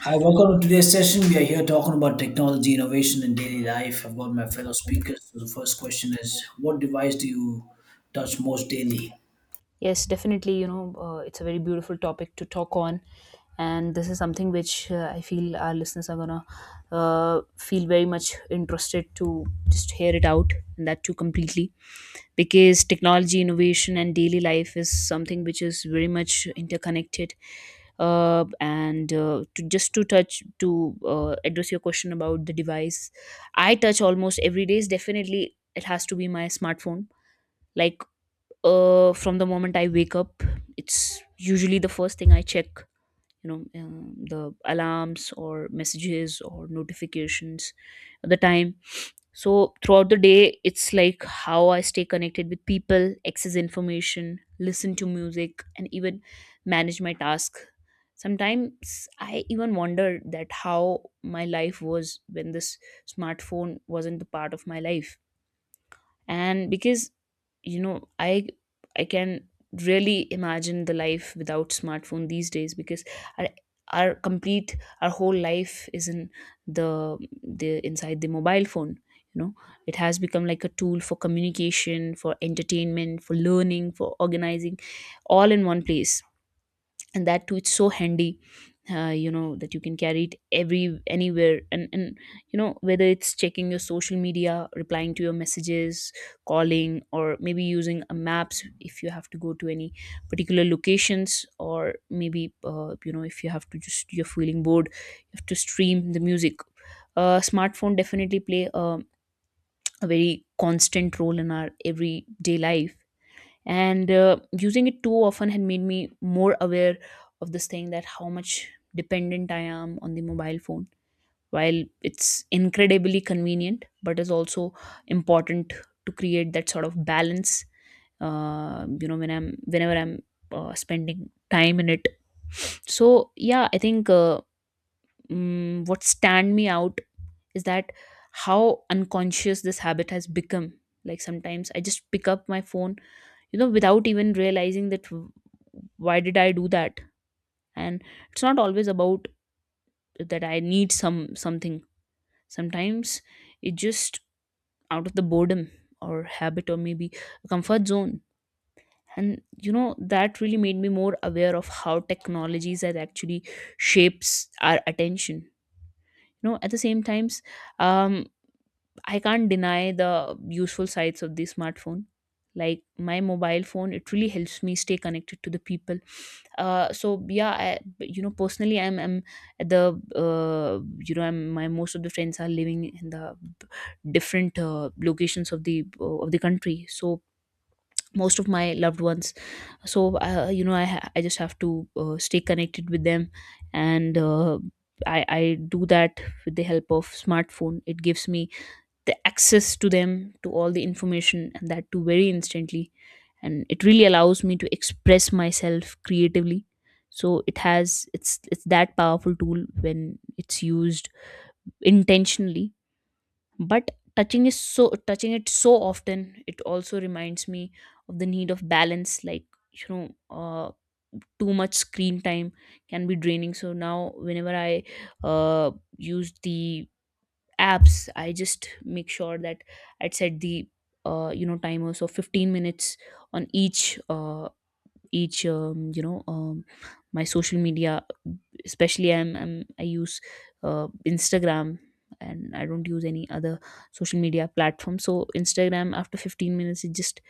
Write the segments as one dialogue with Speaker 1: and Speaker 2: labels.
Speaker 1: Hi, welcome to today's session. We are here talking about technology innovation in daily life. I've got my fellow speakers. So the first question is, what device do you touch most daily?
Speaker 2: Yes, definitely. It's a very beautiful topic to talk on. And this is something which I feel our listeners are going to feel very much interested to just hear it out and that too completely. Because technology, innovation, and daily life is something which is very much interconnected. And to just to touch to address your question about the device, I touch almost every day. Is definitely it has to be my smartphone. Like from the moment I wake up, it's usually the first thing I check. You the alarms or messages or notifications, the time. So throughout the day, it's like how I stay connected with people, access information, listen to music, and even manage my task. Sometimes I even wonder that how my life was when this smartphone wasn't the part of my life, and because you know i I can really imagine the life without smartphone these days because our, our complete our whole life is in the the inside the mobile phone. you know it has become like a tool for communication, for entertainment, for learning, for organizing, all in one place, and that too it's so handy. That you can carry it every anywhere, and you know whether it's checking your social media, replying to your messages, calling, or maybe using a maps if you have to go to any particular locations, or maybe if you have to just you're feeling bored you have to stream the music. Smartphone definitely play a very constant role in our everyday life. And using it too often had made me more aware of this thing that how much dependent I am on the mobile phone. While it's incredibly convenient, but is also important to create that sort of balance. Whenever I'm spending time in it. So yeah, I think what stand me out is that how unconscious this habit has become. Like sometimes I just pick up my phone, you know, without even realizing that why did I do that. And it's not always about that I need some something. Sometimes it just out of the boredom, or habit, or maybe a comfort zone. And you know that really made me more aware of how technologies that actually shapes our attention, you know, at the same times. um I can't deny the useful sides of the smartphone. Like my mobile phone, it really helps me stay connected to the people. So yeah, I, you know, personally, I'm at the I'm my most of the friends are living in the different locations of the country. So most of my loved ones, so I just have to stay connected with them, and I do that with the help of smartphone. It gives me the access to them to all the information, and that too very instantly, and it really allows me to express myself creatively. So it has it's that powerful tool when it's used intentionally. But touching it so often, it also reminds me of the need of balance. Like you know, too much screen time can be draining. So now whenever I uh, use the apps, I just make sure that I set the timer, so 15 minutes on each each um, you know um, my social media. I'm I use Instagram, and I don't use any other social media platform. So Instagram after 15 minutes it just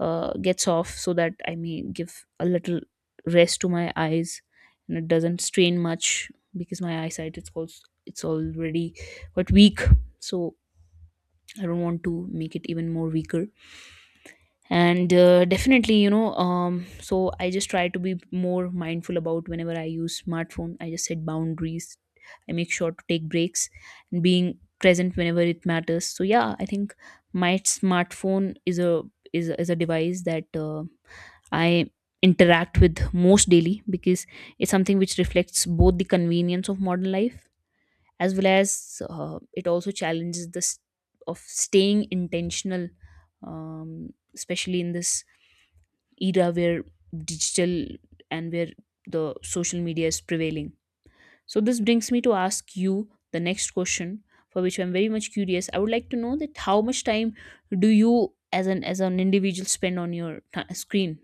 Speaker 2: gets off, so that I may give a little rest to my eyes, and it doesn't strain much because my eyesight, it's also it's already quite weak. So I don't want to make it even more weaker. And definitely, you know, so I just try to be more mindful about whenever I use smartphone. I just set boundaries, I make sure to take breaks, and being present whenever it matters. So yeah, I think my smartphone is a is a device that I interact with most daily, because it's something which reflects both the convenience of modern life, as well as it also challenges this of staying intentional, especially in this era where digital and where the social media is prevailing. So this brings me to ask you the next question, for which I'm very much curious. I would like to know that how much time do you as an individual spend on your screen?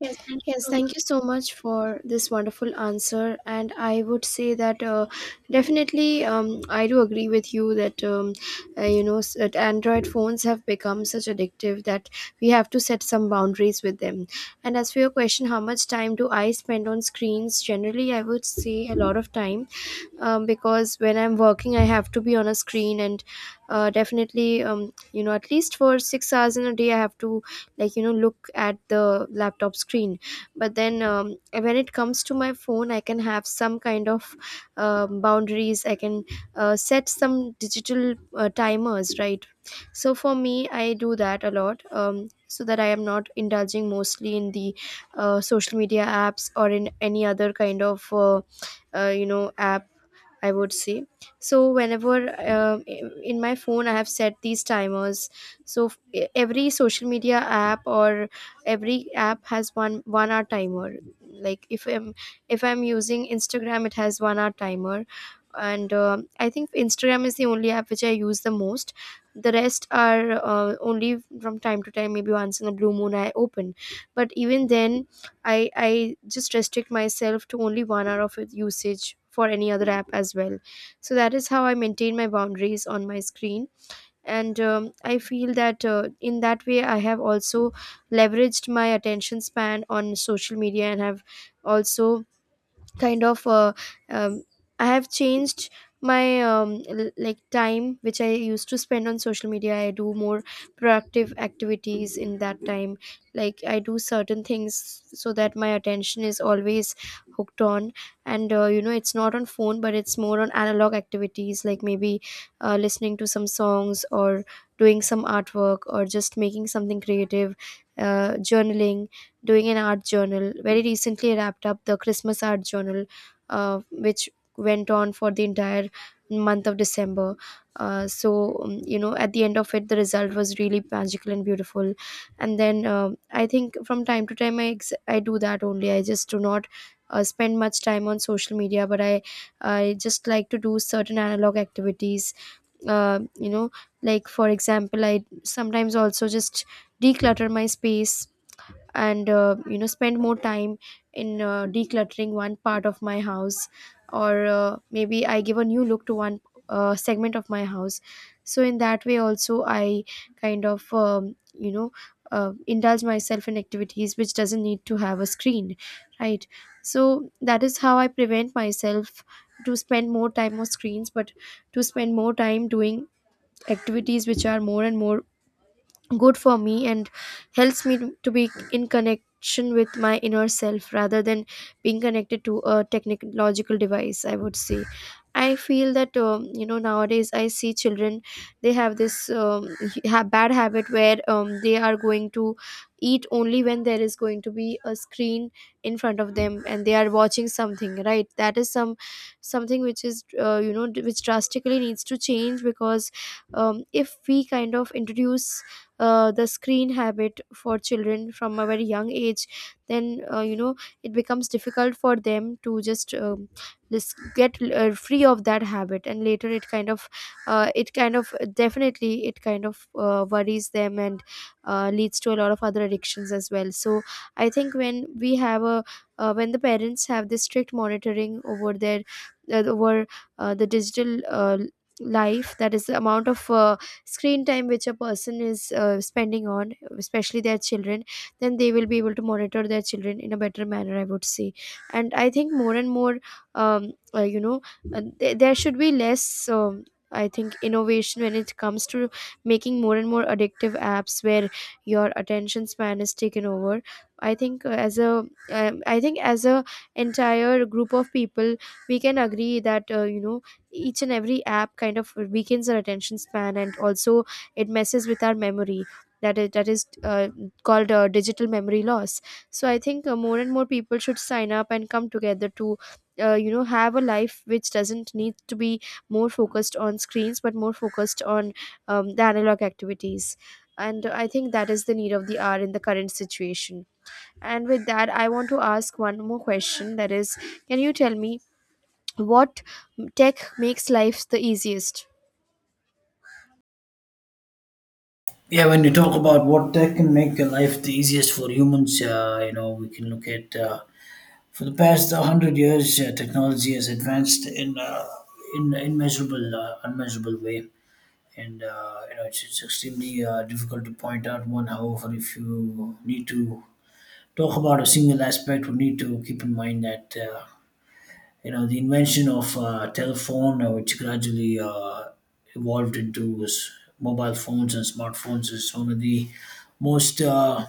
Speaker 2: Yes, thank you
Speaker 3: Yes,
Speaker 2: so.
Speaker 3: thank you so much for this wonderful answer. And I would say that definitely I do agree with you that that Android phones have become such addictive that we have to set some boundaries with them. And as for your question, how much time do I spend on screens? Generally, I would say a lot of time because when I'm working, I have to be on a screen and definitely, at least for 6 hours in a day, I have to, look at the laptop screen. But then when it comes to my phone, I can have some kind of boundaries. I can set some digital timers, right? So for me, I do that a lot, so that I am not indulging mostly in the social media apps or in any other kind of app, I would say. So whenever in my phone I have set these timers. So every social media app or every app has one hour timer. Like if I'm using Instagram, it has 1 hour timer. And I think Instagram is the only app which I use the most. The rest are only from time to time, maybe once in a blue moon I open. But even then, I just restrict myself to only 1 hour of usage for any other app as well. So that is how I maintain my boundaries on my screen. And I feel that in that way, I have also leveraged my attention span on social media and have also kind of um, I have changed my time which I used to spend on social media. I do more proactive activities in that time, like I do certain things so that my attention is always hooked on. And it's not on phone, but it's more on analog activities, like maybe listening to some songs, or doing some artwork, or just making something creative, journaling, doing an art journal. Very recently, I wrapped up the Christmas art journal, which went on for the entire month of December. At the end of it, the result was really magical and beautiful. And then I think from time to time, I do that only. I just do not. Spend much time on social media, but I just like to do certain analog activities. uh, you know like for example, I sometimes also just declutter my space, and spend more time in decluttering one part of my house, or maybe I give a new look to one segment of my house. So in that way also, I kind of indulge myself in activities which doesn't need to have a screen, right? So that is how I prevent myself to spend more time on screens, but to spend more time doing activities which are more and more good for me and helps me to be in connection with my inner self rather than being connected to a technological device, I would say. I feel that nowadays I see children, they have this bad habit where they are going to eat only when there is going to be a screen in front of them and they are watching something, right? That is something which is which drastically needs to change. Because if we kind of introduce the screen habit for children from a very young age, then it becomes difficult for them to just get free of that habit, and later it kind of definitely it kind of worries them and leads to a lot of other addictions as well. So I think when we have a when the parents have this strict monitoring over their over the digital life, that is the amount of screen time which a person is spending on, especially their children, then they will be able to monitor their children in a better manner, I would say. And I think more and more um, uh, you know there should be less I think innovation when it comes to making more and more addictive apps where your attention span is taken over. I think as a I think as a entire group of people we can agree that each and every app kind of weakens our attention span, and also it messes with our memory. That is called digital memory loss. So I think more and more people should sign up and come together to have a life which doesn't need to be more focused on screens, but more focused on the analog activities. And I think that is the need of the hour in the current situation. And with that, I want to ask one more question, that is, can you tell me what tech makes life the easiest.
Speaker 1: Yeah, when you talk about what tech can make your life the easiest for humans, you know, we can look at for the past 100 years, technology has advanced in immeasurable, unmeasurable way. And, you know, it's extremely difficult to point out one. However, if you need to talk about a single aspect, we need to keep in mind that you know, the invention of telephone, which gradually evolved into mobile phones and smartphones, is one of the most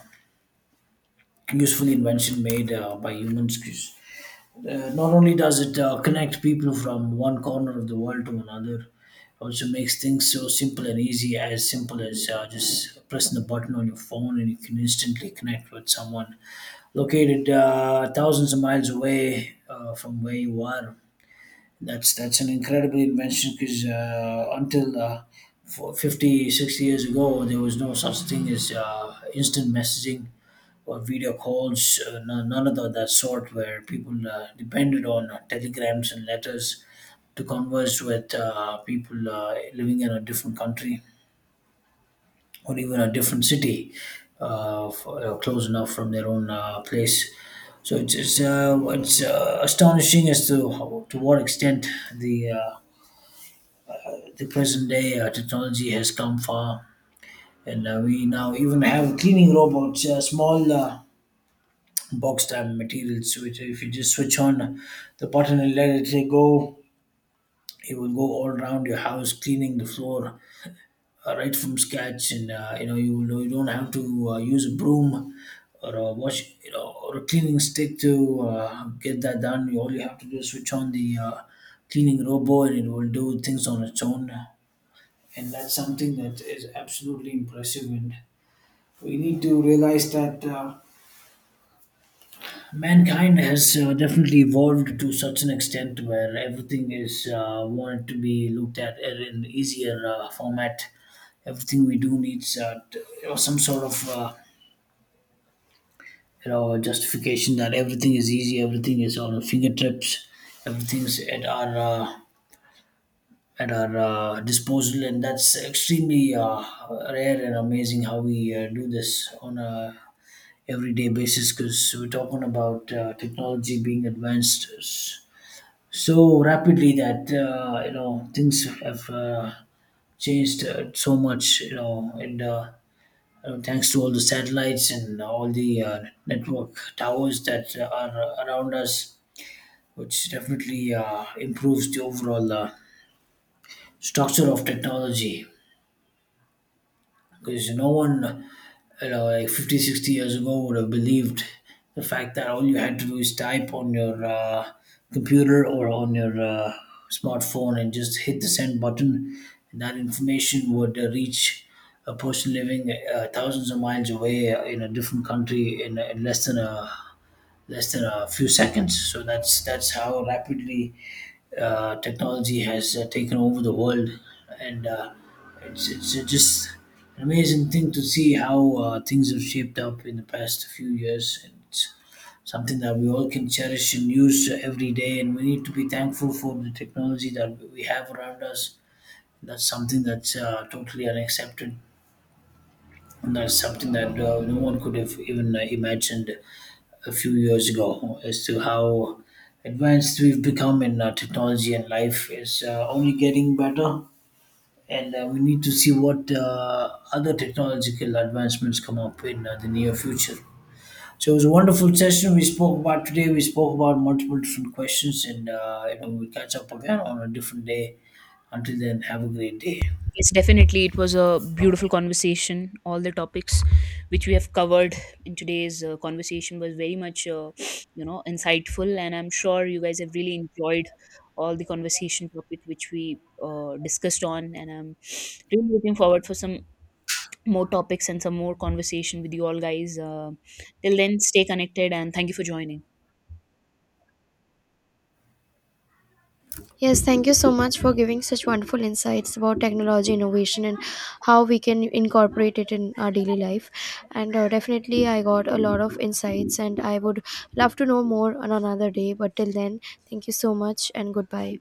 Speaker 1: useful invention made by humans. 'Cause, not only does it connect people from one corner of the world to another, also makes things so simple and easy, as simple as just pressing a button on your phone, and you can instantly connect with someone located thousands of miles away from where you are. That's an incredible invention because until for 50, 60 years ago, there was no such thing as instant messaging or video calls, no- none of tho- that sort, where people depended on telegrams and letters to converse with people living in a different country or even a different city, close enough from their own place. So it's astonishing as to how, to what extent the uh, the present day technology has come far, and we now even have cleaning robots, small box type materials, which if you just switch on the button and let it go, it will go all around your house, cleaning the floor right from scratch. And you know, you don't have to use a broom or a wash, you know, or a cleaning stick to get that done. You, all you have to do is switch on the cleaning robot, and it will do things on its own. And that's something that is absolutely impressive, and we need to realize that mankind has definitely evolved to such an extent where everything is wanted to be looked at in an easier format. Everything we do needs you know, some sort of you know, justification that everything is easy, everything is on our fingertips, everything's at our disposal, and that's extremely rare and amazing how we do this on a everyday basis, because we're talking about technology being advanced so rapidly that you know, things have changed so much, you know. And you know, thanks to all the satellites and all the network towers that are around us, which definitely improves the overall structure of technology, because no one, you know, like 50, 60 years ago would have believed the fact that all you had to do is type on your computer or on your smartphone and just hit the send button, and that information would reach a person living thousands of miles away in a different country in less than a few seconds. So that's how rapidly technology has taken over the world, and it's just an amazing thing to see how things have shaped up in the past few years. And it's something that we all can cherish and use every day, and we need to be thankful for the technology that we have around us. That's something that's totally unaccepted, and that's something that no one could have even imagined a few years ago as to how advanced we've become in technology, and life is only getting better. And we need to see what other technological advancements come up in the near future. So it was a wonderful session we spoke about today. We spoke about multiple different questions, and you know, we'll catch up again on a different day. Until then, have a great day.
Speaker 2: Yes, definitely. It was a beautiful conversation. All the topics which we have covered in today's conversation was very much, insightful, and I'm sure you guys have really enjoyed all the conversation topic which we discussed on. And I'm really looking forward for some more topics and some more conversation with you all guys. Till then, stay connected, and thank you for joining.
Speaker 3: Yes, thank you so much for giving such wonderful insights about technology innovation and how we can incorporate it in our daily life. And definitely, I got a lot of insights, and I would love to know more on another day. But till then, thank you so much and goodbye.